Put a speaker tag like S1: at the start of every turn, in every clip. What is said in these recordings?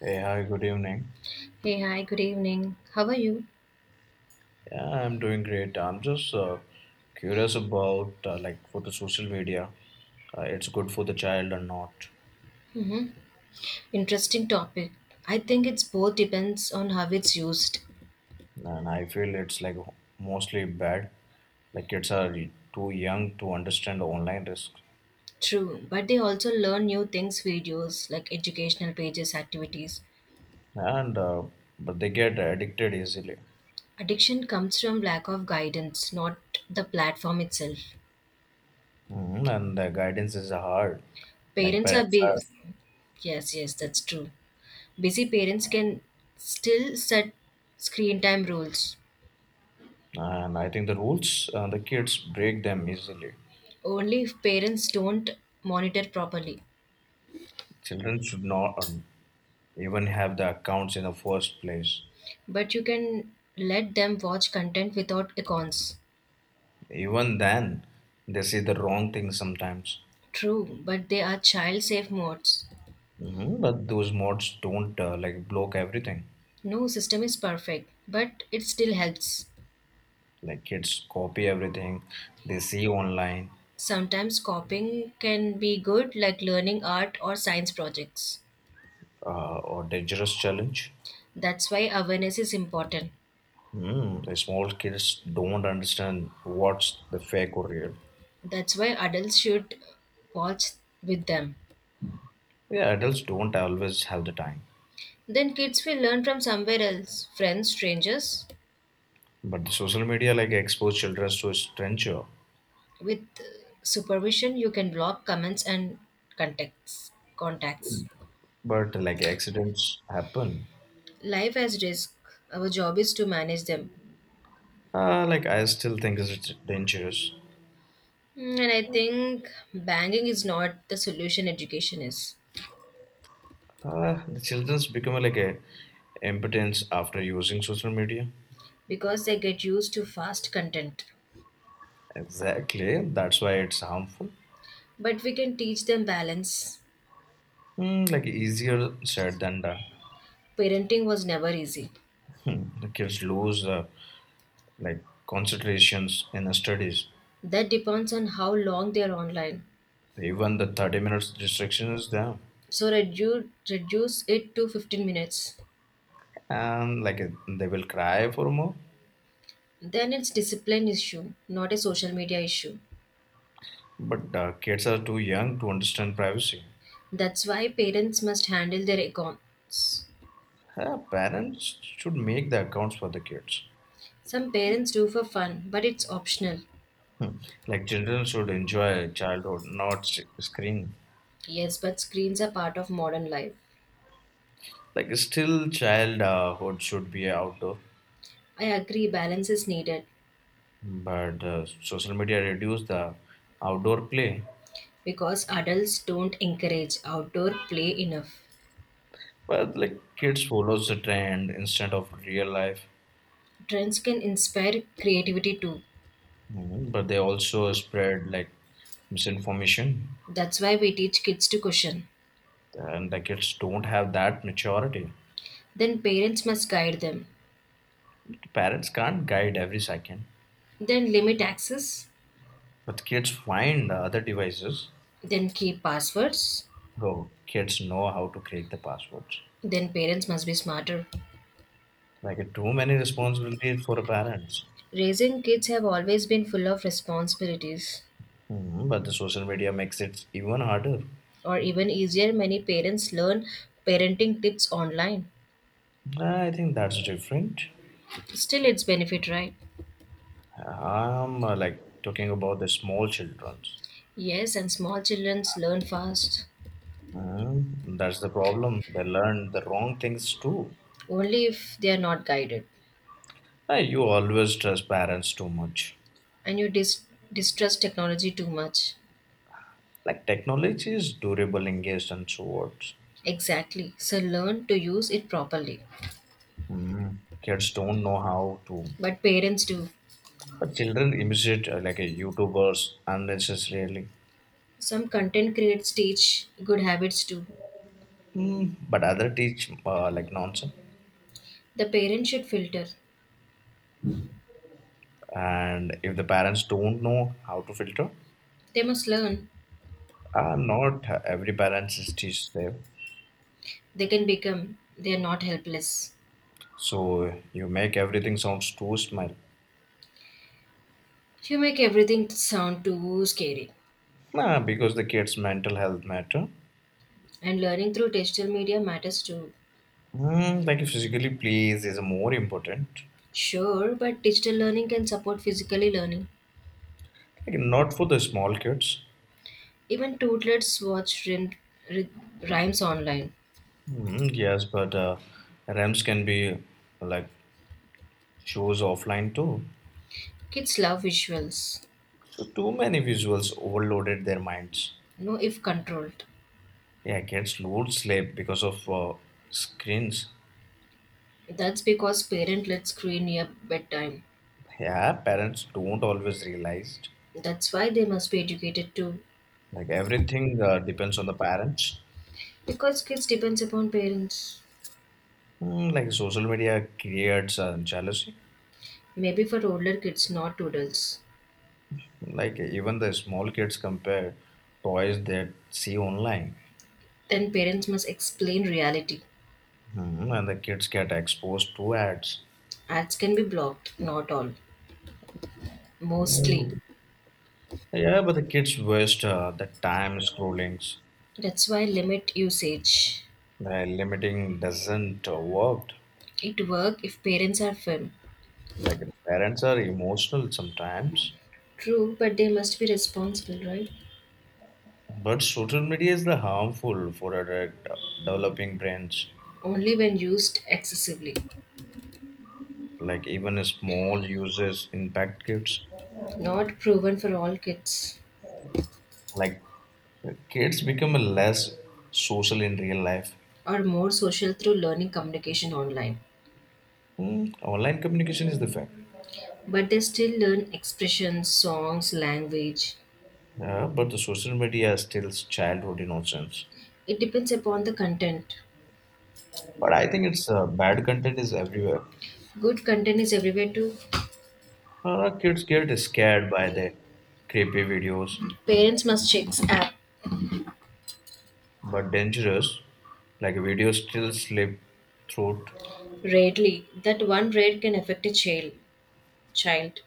S1: Hey, hi, good evening.
S2: Hey, hi, good evening. How are you?
S1: Yeah, I'm doing great. I'm just curious about like for the social media, it's good for the child or not.
S2: Interesting topic. I think it's both depends on how it's used.
S1: And I feel it's like mostly bad. Like kids are too young to understand online risk,
S2: True, but they also learn new things videos like educational pages, activities.
S1: and but they get addicted easily.
S2: Addiction comes from lack of guidance, not the platform itself.
S1: And the guidance is hard. Like
S2: Parents are
S1: parents are,
S2: busy. Yes, that's true. Busy parents can still set screen time rules
S1: and I think the rules the kids break them easily.
S2: only if parents don't monitor properly.
S1: Children should not even have the accounts in the first place.
S2: But you can let them watch content without accounts.
S1: Even then, they say the wrong thing sometimes.
S2: True, but they are child safe modes.
S1: But those mods don't like block everything.
S2: No system is perfect, but it still helps.
S1: Like kids copy everything they see online
S2: Sometimes copying can be good, like learning art or science projects.
S1: or dangerous challenge.
S2: That's why awareness is important.
S1: Mm, the small kids don't understand what's the fake or real.
S2: That's why adults should watch with them.
S1: Yeah, adults don't always have the time.
S2: Then kids will learn from somewhere else friends, strangers.
S1: But the social media like expose children to stranger.
S2: With supervision, you can block comments and contacts. contacts.
S1: But like accidents happen.
S2: Life has risk. Our job is to manage them.
S1: Like I still think it's dangerous.
S2: Mm, and I think banging is not the solution education is
S1: The children's become like a impotence after using social media.
S2: because they get used to fast content.
S1: Exactly, that's why it's harmful.
S2: But we can teach them balance.
S1: Hmm, like easier said than done.
S2: Parenting was never easy.
S1: Hmm, the kids lose like concentrations in the studies.
S2: That depends on how long they are online.
S1: Even the 30 minutes distraction is there,
S2: So reduce it to 15 minutes.
S1: and like they will cry for more.
S2: Then it's discipline issue, not a social media issue.
S1: But kids are too young to understand privacy.
S2: That's why parents must handle their accounts.
S1: Parents should make the accounts for the kids.
S2: Some parents do for fun, but it's optional.
S1: Like children should enjoy childhood not screen,
S2: Yes, but screens are part of modern life.
S1: like still childhood should be outdoor,
S2: I agree balance is needed,
S1: but social media reduce the outdoor play,
S2: because adults don't encourage outdoor play enough.
S1: but like kids follows the trend instead of real life.
S2: Trends can inspire creativity too.
S1: Mhm. But they also spread like misinformation,
S2: That's why we teach kids to question.
S1: and the kids don't have that maturity.
S2: Then parents must guide them.
S1: Parents can't guide every second,
S2: Then limit access.
S1: but kids find other devices,
S2: Then keep passwords.
S1: so kids know how to crack the passwords.
S2: Then parents must be smarter.
S1: Like too many responsibilities for parents.
S2: Raising kids have always been full of responsibilities.
S1: Mhm, but the social media makes it even harder.
S2: Or even easier, many parents learn parenting tips online.
S1: Nah, I think that's different.
S2: Still, it's benefit, right?
S1: I'm like talking about the small children.
S2: Yes, and small children learn fast
S1: Mhm, that's the problem. They learn the wrong things too.
S2: only if they are not guided.
S1: You always trust parents too much.
S2: And distrust technology too much.
S1: Like technology is durable engaged and swords.
S2: Exactly. So learn to use it properly.
S1: Mhm. Kids don't know how to.
S2: But parents do.
S1: But children imitate like a YouTubers unnecessarily.
S2: Some content creators teach good habits too.
S1: Mm, but other teach like nonsense.
S2: The parents should filter.
S1: And if the parents don't know how to filter,
S2: They must learn.
S1: not every parents is teach them,
S2: They can become. They are not helpless.
S1: so you make everything sounds too smile.
S2: You make everything sound too scary.
S1: Nah, because the kids mental health matter.
S2: And learning through digital media matters too.
S1: Mm, like physically please is more important,
S2: Sure, but digital learning can support physically learning.
S1: like not for the small kids.
S2: Even toddlers watch rhymes online.
S1: Mm, yes but rams can be like shows offline too,
S2: Kids love visuals.
S1: so too many visuals overloaded their minds.
S2: You know if controlled,
S1: Yeah, kids lose sleep because of screens.
S2: that's because parent let screen near bedtime,
S1: Yeah, parents don't always realize.
S2: that's why they must be educated too,
S1: Like everything depends on the parents.
S2: because kids depends upon parents.
S1: Mm, like social media creates jealousy.
S2: Maybe for older kids not toodles.
S1: Like even the small kids compare toys they see online,
S2: Then parents must explain reality.
S1: mm, and the kids get exposed to ads.
S2: Ads can be blocked, not all, mostly.
S1: Mm, yeah, but the kids waste the time scrolling.
S2: That's why limit usage.
S1: The limiting doesn't work.
S2: It work if parents are firm.
S1: Like parents are emotional sometimes,
S2: True, but they must be responsible, right?
S1: but social media is the harmful for adult developing brains.
S2: Only when used excessively.
S1: Like even a small uses impact kids,
S2: Not proven for all kids.
S1: like kids become less social in real life.
S2: Are more social through learning communication online,
S1: Hmm, online communication is the fact.
S2: but they still learn expressions, songs, language.
S1: Yeah, but the social media still childhood innocence,
S2: It depends upon the content.
S1: but I think it's bad content is everywhere.
S2: Good content is everywhere too.
S1: Kids get scared by the creepy videos,
S2: Parents must check app
S1: but dangerous like videos still slip through.
S2: rarely. That one rare can affect a child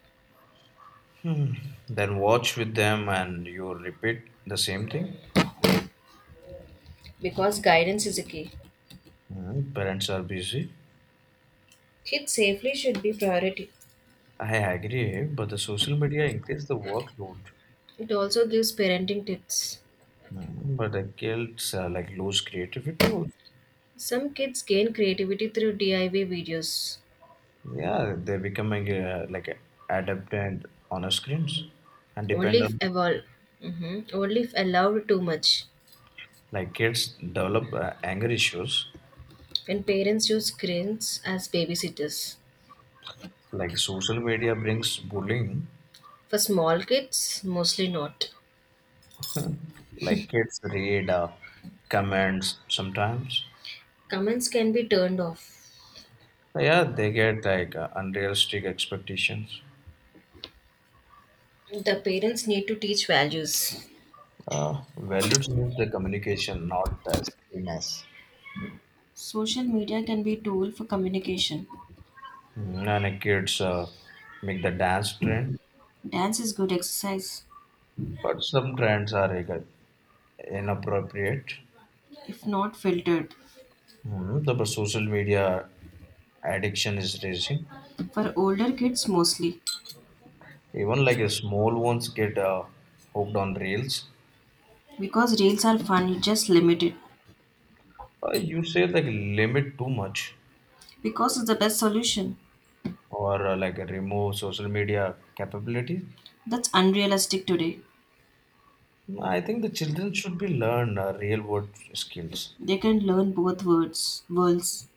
S1: Then watch with them and you repeat the same thing.
S2: because guidance is a key.
S1: Hmm, parents are busy.
S2: Kids safely should be priority.
S1: I agree, but the social media increase the workload.
S2: It also gives parenting tips.
S1: Mm, but the guilds like lose creativity also.
S2: Some kids gain creativity through DIY videos,
S1: Yeah, they're becoming like adaptant on our screens and
S2: only
S1: depend
S2: if
S1: on,
S2: evolve. Mhm. Only if allowed too much.
S1: like kids develop anger issues.
S2: And parents use screens as babysitters.
S1: Like social media brings bullying.
S2: For small kids, mostly not.
S1: Like kids read comments sometimes.
S2: Comments can be turned off.
S1: Yeah, they get like unrealistic expectations.
S2: The parents need to teach values.
S1: Values is the communication, not the screen.
S2: Social media can be a tool for communication.
S1: Mm, and the kids make the dance trend,
S2: Dance is good exercise,
S1: but some trends are like, inappropriate.
S2: if not filtered.
S1: Mm, the but social media addiction is raising.
S2: For older kids, mostly.
S1: Even like a small ones get hooked on reels.
S2: Because reels are fun, you just limit it.
S1: You say like limit too much,
S2: Because it's the best solution.
S1: or like remove social media capabilities.
S2: That's unrealistic today.
S1: I think the children should be learn real world skills.
S2: They can learn both words, worlds.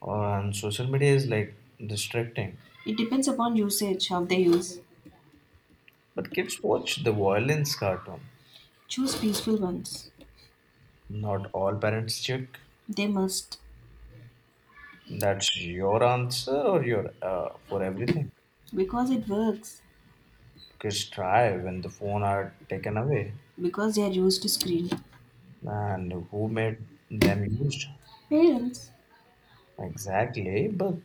S1: And social media is like distracting.
S2: It depends upon usage, how they use.
S1: But kids watch the violence cartoon.
S2: Choose peaceful ones.
S1: Not all parents check.
S2: They must,
S1: That's your answer or your for everything.
S2: because it works,
S1: Kids try when the phone are taken away,
S2: because they are used to screen.
S1: and who made them used?
S2: Parents,
S1: Exactly, but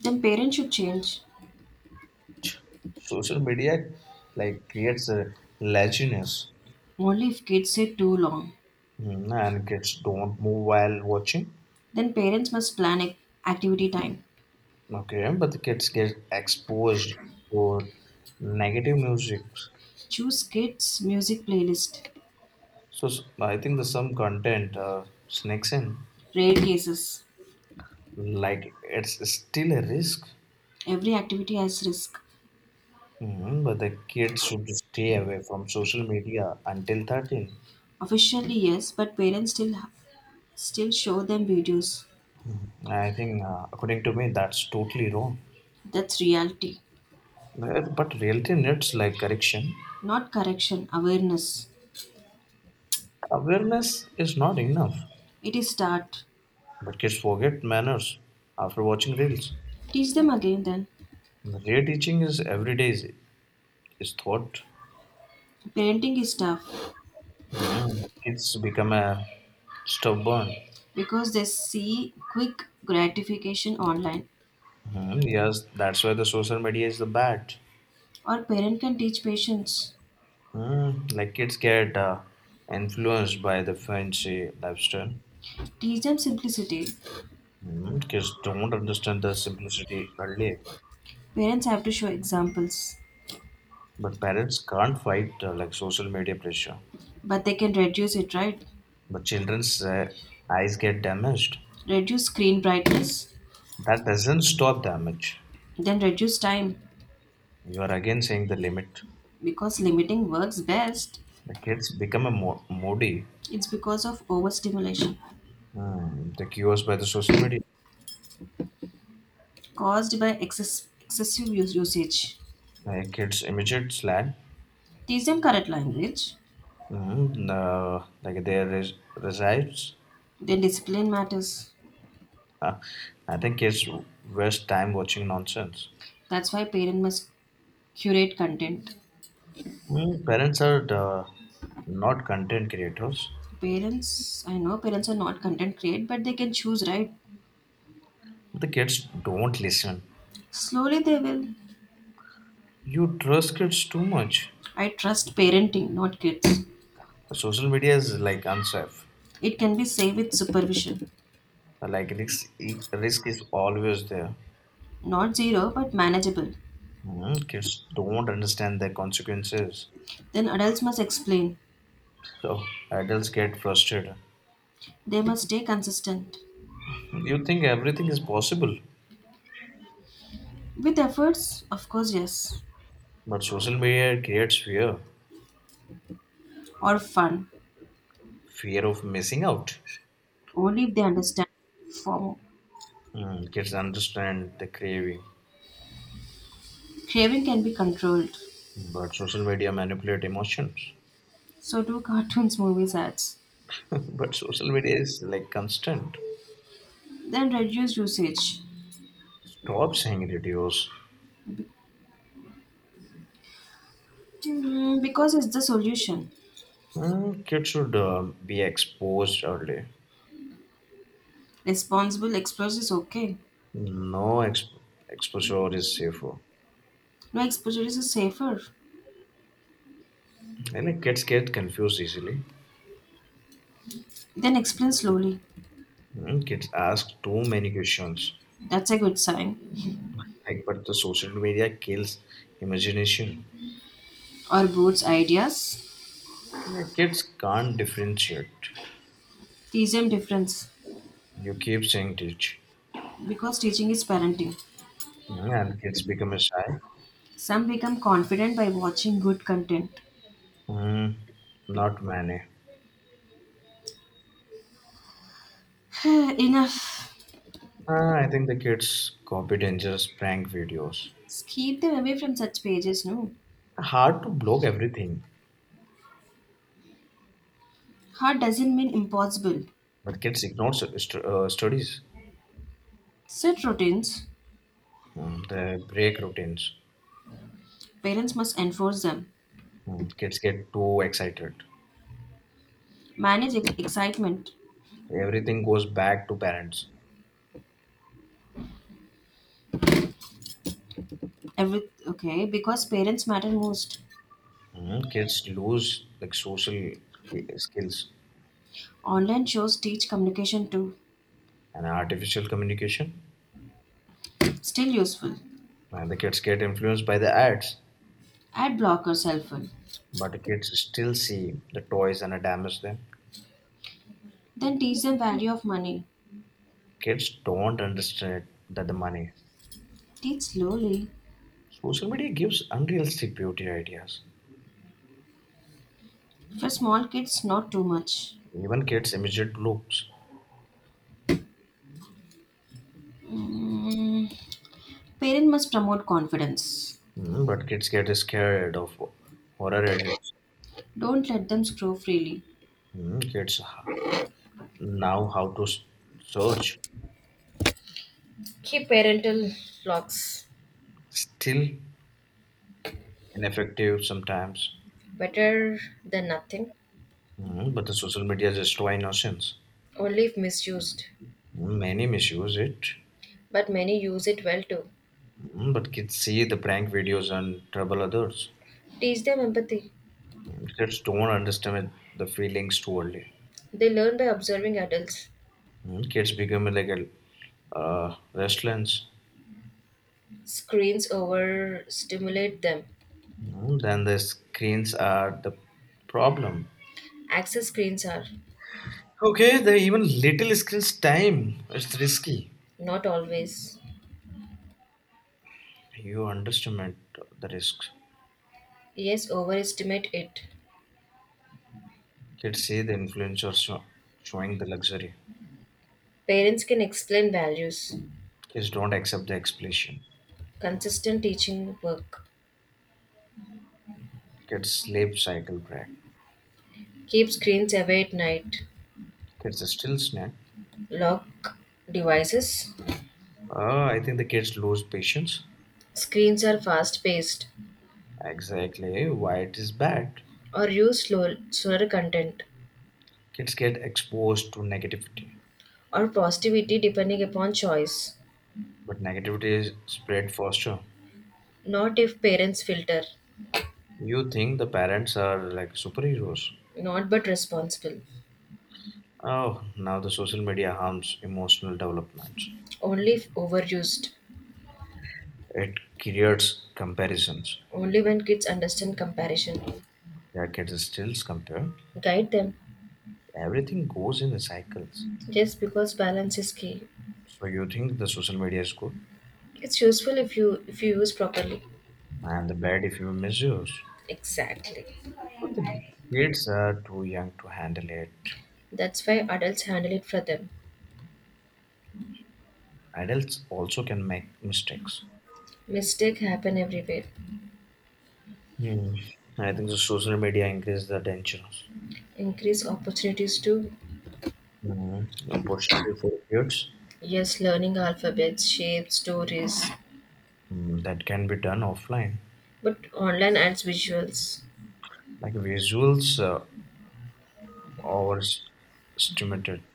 S2: then parents should change.
S1: social media like creates a laziness.
S2: Only if kids sit too long.
S1: Mm, and kids don't move while watching.
S2: Then parents must activity time.
S1: Okay, but the kids get exposed to negative music.
S2: Choose kids music playlist.
S1: I think the some content sneaks in.
S2: Rare cases.
S1: Like it's still a risk.
S2: Every activity has risk.
S1: Mhm, but the kids should stay away from social media until 13.
S2: Officially yes, but parents still show them videos.
S1: I think, according to me, that's totally wrong.
S2: That's reality,
S1: Well, but reality needs like correction.
S2: not correction. Awareness.
S1: Awareness is not enough,
S2: It is start.
S1: but kids forget manners after watching reels.
S2: Teach them again. Then
S1: Reteaching is every day is thought.
S2: parenting is tough.
S1: Mhm. Kids become a stubborn.
S2: Because they see quick gratification online,
S1: Mhm, yes, that's why the social media is the bad.
S2: or parent can teach patients,
S1: Mm, like kids get influenced by the fancy lifestyle.
S2: teach them simplicity,
S1: Mm, kids don't understand the simplicity early,
S2: parents have to show examples,
S1: but parents can't fight like social media pressure.
S2: but they can reduce it, right?
S1: But children's eyes get damaged.
S2: Reduce screen brightness,
S1: That doesn't stop damage.
S2: then reduce time,
S1: You are again saying the limit.
S2: because limiting works best.
S1: The kids become a moody.
S2: It's because of overstimulation
S1: Mm, the cures by the social media.
S2: caused by excessive use, usage.
S1: Kids imitate slang.
S2: Teach them correct language,
S1: Mm, like there is resides.
S2: then discipline matters.
S1: Uh, I think kids waste time watching nonsense.
S2: That's why parents must curate content.
S1: Mm, parents are the, not content creators.
S2: Parents, I know parents are not content create, but they can choose, right?
S1: The kids don't listen.
S2: Slowly they will.
S1: You trust kids too much.
S2: I trust parenting, not kids.
S1: Social media is like unsafe.
S2: It can be safe with supervision.
S1: Like risk, risk is always there.
S2: Not zero, but manageable.
S1: Mm, kids don't understand the consequences.
S2: Then adults must explain.
S1: So adults get frustrated.
S2: They must stay consistent.
S1: You think everything is possible,
S2: With efforts, of course, yes.
S1: but social media creates fear.
S2: Or fun.
S1: Fear of missing out.
S2: Only if they understand form.
S1: Mm, kids understand the craving.
S2: Craving can be controlled.
S1: But social media manipulate emotions.
S2: So do cartoons, movies, ads.
S1: But social media is like constant.
S2: Then reduce usage.
S1: Stop seeing videos.
S2: Hmm, because it's the solution.
S1: Hmm, kids should be exposed early.
S2: Responsible explorers is okay.
S1: No exposure is safer.
S2: No exposure is safer.
S1: And like, kids get confused easily.
S2: Then explain slowly.
S1: Hmm, kids ask too many questions.
S2: That's a good sign.
S1: Like, but the social media kills imagination.
S2: Or broads ideas.
S1: Yeah, kids can't differentiate.
S2: Teach them difference.
S1: You keep saying teach.
S2: Because teaching is parenting.
S1: Hmm, and kids become shy.
S2: Some become confident by watching good content.
S1: Hmm, not many.
S2: Enough.
S1: I think the kids copy dangerous prank videos.
S2: Keep them away from such pages, no?
S1: Hard to block everything,
S2: Hard doesn't mean impossible.
S1: but kids ignore studies.
S2: Set routines.
S1: Mm, they break routines.
S2: Parents must enforce them.
S1: Mm, kids get too excited.
S2: Excitement.
S1: Everything goes back to parents.
S2: Every okay, because parents matter most.
S1: Mm, kids lose like social skills
S2: Online shows teach communication too.
S1: and artificial communication.
S2: Still useful.
S1: And the kids get influenced by the ads,
S2: Ad blockers helpful.
S1: but the kids still see the toys and damage them.
S2: Then teach them value of money.
S1: Kids don't understand that the money.
S2: Teach slowly.
S1: Social media gives unrealistic beauty ideas.
S2: For small kids, not too much.
S1: Even kids imitate looks,
S2: Mm. Parent must promote confidence.
S1: mm, but kids get scared of horror edits.
S2: Don't let them screw freely.
S1: Mm, now how to search,
S2: Keep parental locks
S1: still ineffective sometimes.
S2: better than nothing,
S1: Mm, but the social media is destroy innocence.
S2: only if misused.
S1: Mm, many misuse it.
S2: But many use it well too.
S1: Mm, but kids see the prank videos and trouble others.
S2: Teach them empathy.
S1: Mm, kids don't understand the feelings too early.
S2: They learn by observing adults.
S1: Mm, kids become like a restless.
S2: Screens overstimulate them.
S1: Mm, then the screens are the problem.
S2: Access screens are
S1: Okay, the even little screens time it's risky.
S2: not always.
S1: You underestimate the risks.
S2: Yes, overestimate it.
S1: Kids see the influencers showing the luxury.
S2: Parents can explain values.
S1: Kids don't accept the explanation.
S2: Consistent teaching work.
S1: Kids sleep cycle break.
S2: Keep screens away at night.
S1: Kids still snack.
S2: Lock devices.
S1: I think the kids lose patience.
S2: Screens are fast paced
S1: Exactly why it is bad.
S2: or use slower content,
S1: Kids get exposed to negativity,
S2: or positivity depending upon choice.
S1: but negativity is spread faster.
S2: Not if parents filter.
S1: You think the parents are like superheroes.
S2: Not but responsible.
S1: Oh, now the social media harms emotional development.
S2: Only if overused.
S1: It creates comparisons.
S2: Only when kids understand comparison.
S1: Yeah, kids stills compare.
S2: Guide them.
S1: Everything goes in the cycles.
S2: Yes, because balance is key.
S1: So you think the social media is good
S2: It's useful if you use properly.
S1: and the bad if you misuse.
S2: Exactly.
S1: So the kids are too young to handle it.
S2: That's why adults handle it for them.
S1: Adults also can make mistakes.
S2: Mistake happen everywhere.
S1: Hmm. I think the social media increases the dangers.
S2: Increase opportunities to
S1: Mm. Opportunity for kids,
S2: yes, learning alphabets, shapes, stories,
S1: mm, that can be done offline.
S2: but online adds visuals.
S1: Like visuals or stimulated.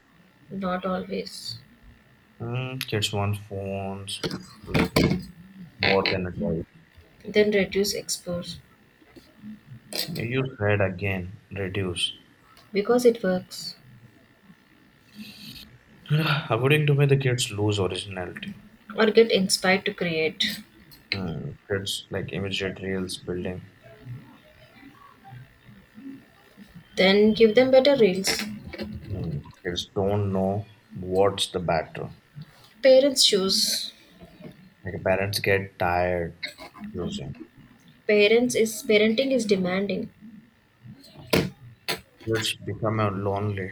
S2: Not always.
S1: Mm, kids want phones, like more than advice.
S2: Then reduce expose
S1: You said again, reduce.
S2: because it works,
S1: According to me, the kids lose originality.
S2: or get inspired to create.
S1: Hmm. Kids like immediate reels building.
S2: Then give them better reels.
S1: Hmm. Kids don't know what's the batter.
S2: Parents choose.
S1: Like parents get tired using.
S2: Parents is parenting is demanding.
S1: Kids become lonely,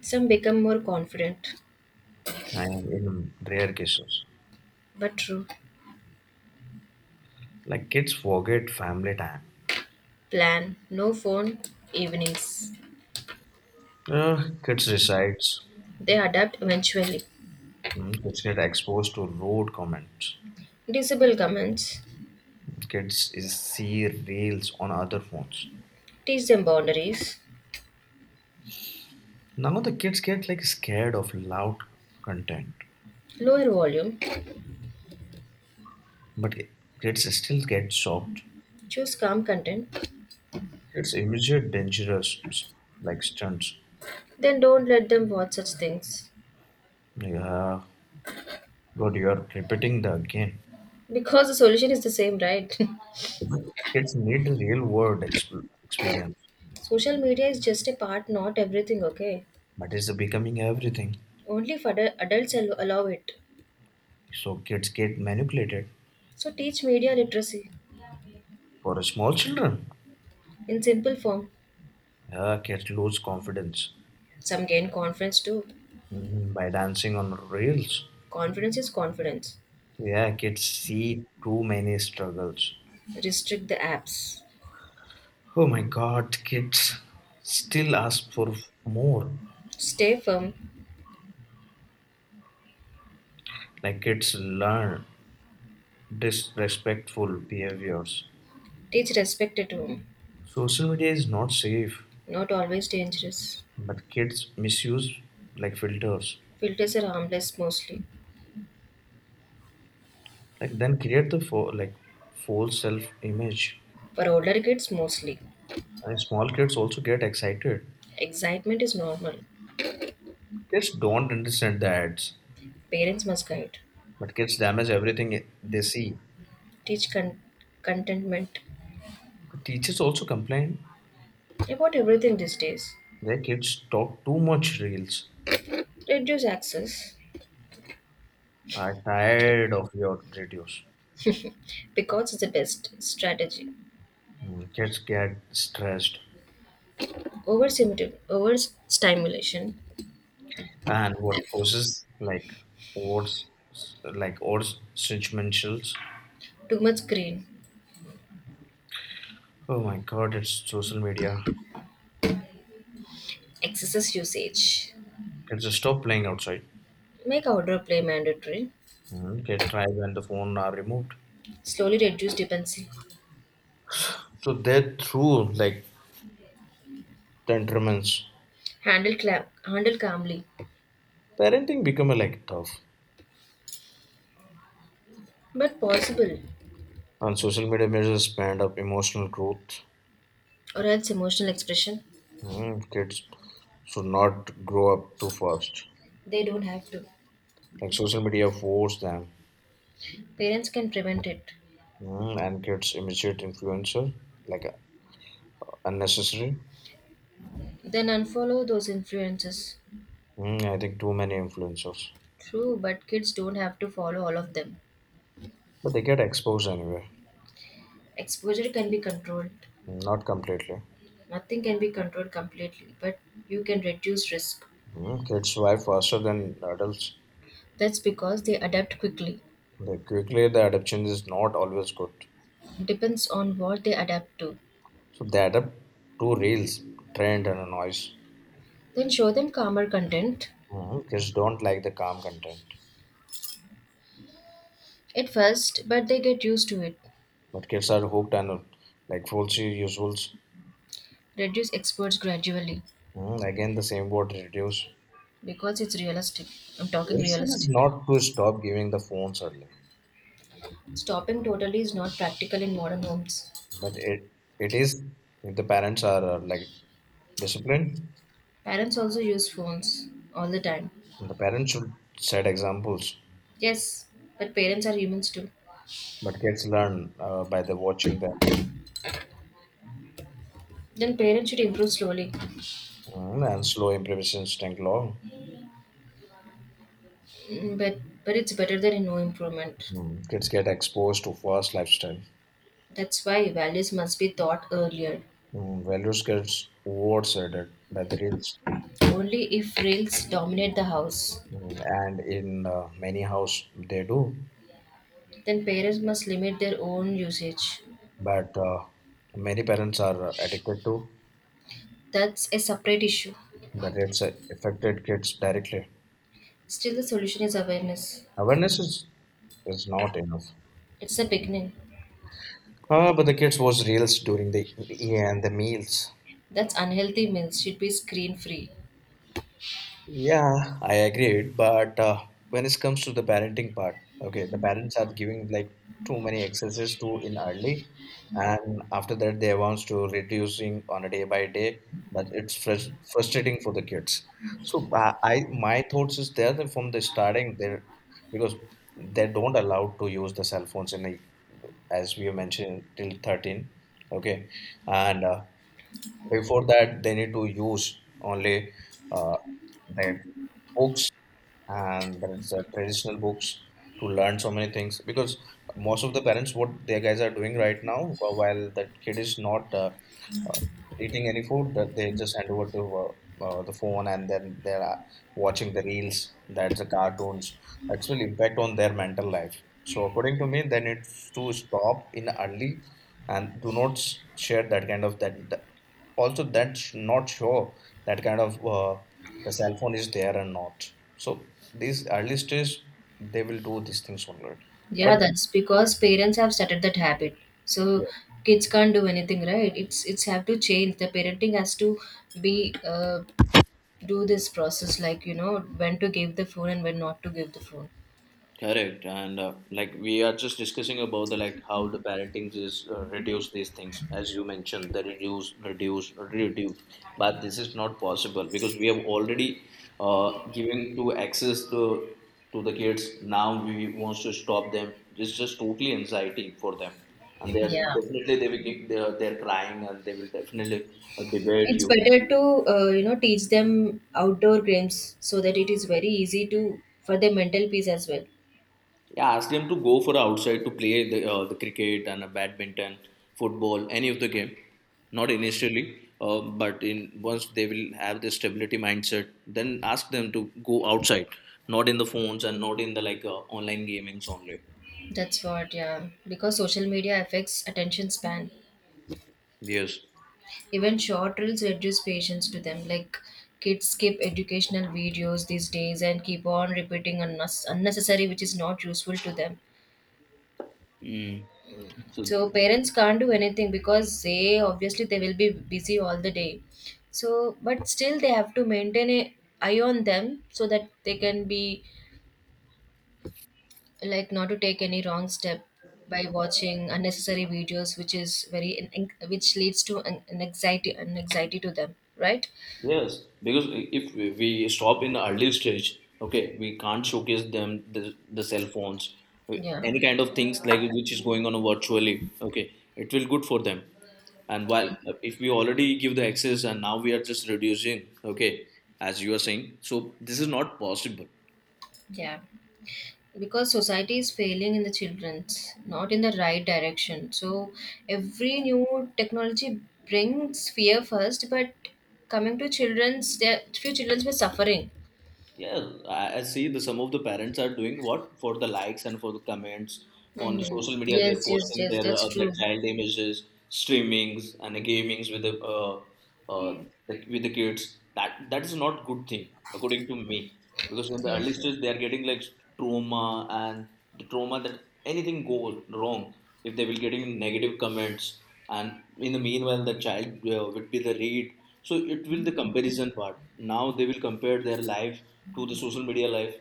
S2: Some become more confident,
S1: and in rare cases,
S2: but true.
S1: like kids forget family time.
S2: Plan no phone evenings.
S1: Kids resides.
S2: They adapt eventually.
S1: Hmm. Kids get exposed to rude comments.
S2: Disable comments.
S1: Kids is see reels on other phones.
S2: Teach them boundaries,
S1: Now the kids get like scared of loud content,
S2: lower volume,
S1: but kids still get shocked.
S2: choose calm content,
S1: Kids immediate dangerous like stunts.
S2: then don't let them watch such things.
S1: Yeah, God, you are repeating the game.
S2: Because the solution is the same, right?
S1: But kids need real world experience.
S2: Social media is just a part, not everything, okay?
S1: But it's becoming everything.
S2: Only if adults allow it.
S1: So kids get manipulated.
S2: So teach media literacy
S1: For small children,
S2: in simple form.
S1: yeah, kids lose confidence.
S2: Some gain confidence too.
S1: Mhm, by dancing on reels.
S2: Confidence is confidence.
S1: Yeah, kids see too many struggles.
S2: Restrict the apps.
S1: Oh my god, kids still ask for more.
S2: Stay firm.
S1: Like kids learn disrespectful behaviors.
S2: Teach respect at home.
S1: Social media is not safe,
S2: Not always dangerous.
S1: but kids misuse like filters.
S2: Filters are harmless mostly.
S1: Like then create the like false self image.
S2: For older kids, mostly.
S1: And small kids also get excited.
S2: Excitement is normal.
S1: Kids don't understand the ads,
S2: Parents must guide,
S1: but kids damage everything they see.
S2: teach contentment
S1: The teachers also complain
S2: about everything these days.
S1: their kids talk too much reels.
S2: Reduce access
S1: I tired of your videos.
S2: because it's the best strategy.
S1: Mm, kids get stressed,
S2: Overstimulation,
S1: and what causes like what's like odds judgmentals.
S2: too much screen,
S1: Oh my God, it's social media.
S2: excessive usage.
S1: Kids just stop playing outside.
S2: Make outdoor play mandatory.
S1: Mm, get tried when the phone are removed.
S2: Slowly reduce dependency.
S1: So they're through like tantrums.
S2: Handle handle calmly,
S1: Parenting become a like tough.
S2: but possible,
S1: And social media measures spend up emotional growth.
S2: or else emotional expression.
S1: Mm, kids should not grow up too fast.
S2: They don't have to.
S1: Like social media force them.
S2: Parents can prevent it.
S1: Mm, and kids immediate influencer like unnecessary?
S2: Then unfollow those influences.
S1: Mm, I think too many influencers.
S2: True, but kids don't have to follow all of them.
S1: But they get exposed anyway.
S2: Exposure can be controlled.
S1: Hmm, not completely.
S2: Nothing can be controlled completely, but you can reduce risk.
S1: Mm, kids survive faster than adults.
S2: That's because they adapt quickly.
S1: They quickly, the adaptation is not always good.
S2: Depends on what they adapt to.
S1: So they adapt to reels, trend, and noise.
S2: Then show them calmer content
S1: Mm, kids don't like the calm content.
S2: at first, but they get used to it.
S1: But kids are hooked and like falsy usuals.
S2: Reduce exposure gradually
S1: Mm, again, the same word reduce.
S2: because it's realistic. I'm talking
S1: Reason is
S2: realistic.
S1: not to stop giving the phones early,
S2: Stopping totally is not practical in modern homes.
S1: but it is if the parents are like disciplined.
S2: Parents also use phones all the time.
S1: The parents should set examples,
S2: Yes, but parents are humans too.
S1: but kids learn by the watching them.
S2: Then parents should improve slowly.
S1: Mm, and slow impressions take long.
S2: Mm, but it's better than no improvement.
S1: Mm, kids get exposed to fast lifestyle.
S2: That's why values must be taught earlier.
S1: Mm, values gets overshadowed by the reels.
S2: Only if reels dominate the house,
S1: Mm, and in many house they do,
S2: then parents must limit their own usage.
S1: but many parents are addicted to,
S2: That's a separate issue.
S1: but it's affected kids directly.
S2: Still, the solution is awareness.
S1: Awareness is not enough.
S2: It's a beginning.
S1: Ah, but the kids watch reels during the yeah, and the meals.
S2: That's unhealthy meals should be screen free.
S1: Yeah, I agreed. But when it comes to the parenting part, okay, the parents are giving like too many excesses too in early, and after that they wants to reducing on a day by day, but it's frustrating for the kids. So I my thoughts is there that from the starting there because they don't allowed to use the cell phones in a, as we have mentioned till 13, okay, and before that, they need to use only uh, their books and there's traditional books to learn so many things because most of the parents what their guys are doing right now while that kid is not uh, eating any food, that they just hand over to the phone, and then they are watching the reels, that's the cartoons, that's will impact on their mental life. So according to me, they need to stop in early and do not share that kind of that also, that not show that kind of the cell phone is there and not. So these early stage they will do these things only,
S2: Yeah,
S1: but
S2: that's because parents have started that habit. So
S1: yeah.
S2: kids can't do anything, right? It's have to change. The parenting has to be uh, do this process, like, you know, when to give the phone and when not to give the phone.
S1: Correct, and like we are just discussing about the like how the parenting is reduce these things, as you mentioned the reduce reduce, but this is not possible because we have already given to access to the kids. Now we wants to stop them. It's just totally anxiety for them, and they are
S2: Yeah,
S1: definitely they will they are crying and they will definitely debate
S2: it's
S1: you.
S2: better to, you know, teach them outdoor games so that it is very easy to for their mental peace as well.
S1: Yeah, ask them to go for outside to play the cricket and badminton, football, any of the game. Not initially, but in once they will have this stability mindset, then ask them to go outside, not in the phones and not in the like online gamings only.
S2: That's what, yeah, because social media affects attention span.
S1: Yes.
S2: Even short reels reduce patience to them, like kids skip educational videos these days and keep on repeating unnecessary, which is not useful to them.
S1: Mm. So
S2: So parents can't do anything because they obviously they will be busy all the day. So but still they have to maintain a eye on them so that they can be like not to take any wrong step by watching unnecessary videos which is very which leads to an anxiety, an anxiety to them, right?
S1: yes, because if we stop in early stage, okay, we can't showcase them the cell phones,
S2: yeah
S1: any kind of things like which is going on virtually. Okay, it will good for them. And
S2: yeah,
S1: while if we already give the access and now we are just reducing, okay, as you are saying, so this is not possible.
S2: yeah, Because society is failing in the children's not in the right direction. So every new technology brings fear first, but coming to children's there few children's were suffering.
S1: Yeah, I see the some of the parents are doing what for the likes and for the comments on the
S2: Hmm.
S1: social media. They're
S2: yes yes
S1: posting
S2: yes that's
S1: their
S2: true.
S1: child images, streamings, and the gamings with the uh, like with the kids. That is not good thing according to me, because in the early
S2: Yes,
S1: stage they are getting like trauma, and the trauma that anything goes wrong if they will getting negative comments, and in the meanwhile the child would be the read, so it will the comparison part, now they will compare their life to the social media life.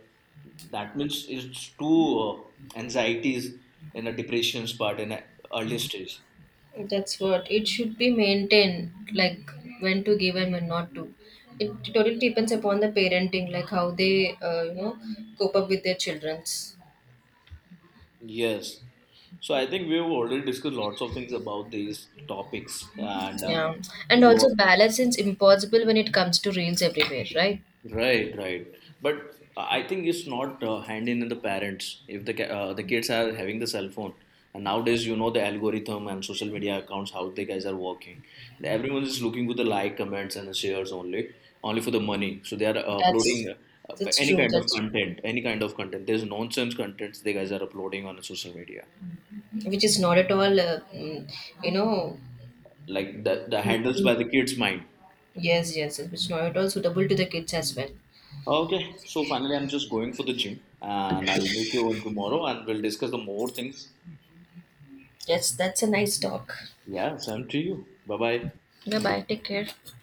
S1: That means it's two anxieties and a depressions part in a early stage.
S2: that's what it should be maintained, like when to give and when not to. It totally depends upon the parenting, like how they, you know, cope up with their children's.
S1: Yes, so I think we've already discussed lots of things about these topics, and
S2: Yeah, and
S1: your
S2: also balance is impossible when it comes to reels everywhere, right?
S1: right, right. But I think it's not hand in the parents if the the kids are having the cell phone. And nowadays, you know the algorithm and social media accounts how the guys are working. Everyone is looking for the like, comments, and shares only, only for the money. So they are
S2: That's
S1: uploading
S2: that's
S1: any
S2: true.
S1: kind of
S2: That's
S1: content, any kind of content. There's nonsense contents they guys are uploading on social media,
S2: which is not at all, mm, you know.
S1: like the
S2: mm,
S1: handles
S2: mm,
S1: by the kids' mind.
S2: Yes, yes, which is not at all suitable to the kids as well.
S1: Okay, so finally, I'm just going for the gym, and I'll meet you on tomorrow, and we'll discuss the more things.
S2: Yes, that's a nice talk.
S1: Yeah, same to you. Bye bye.
S2: Bye bye. Take care.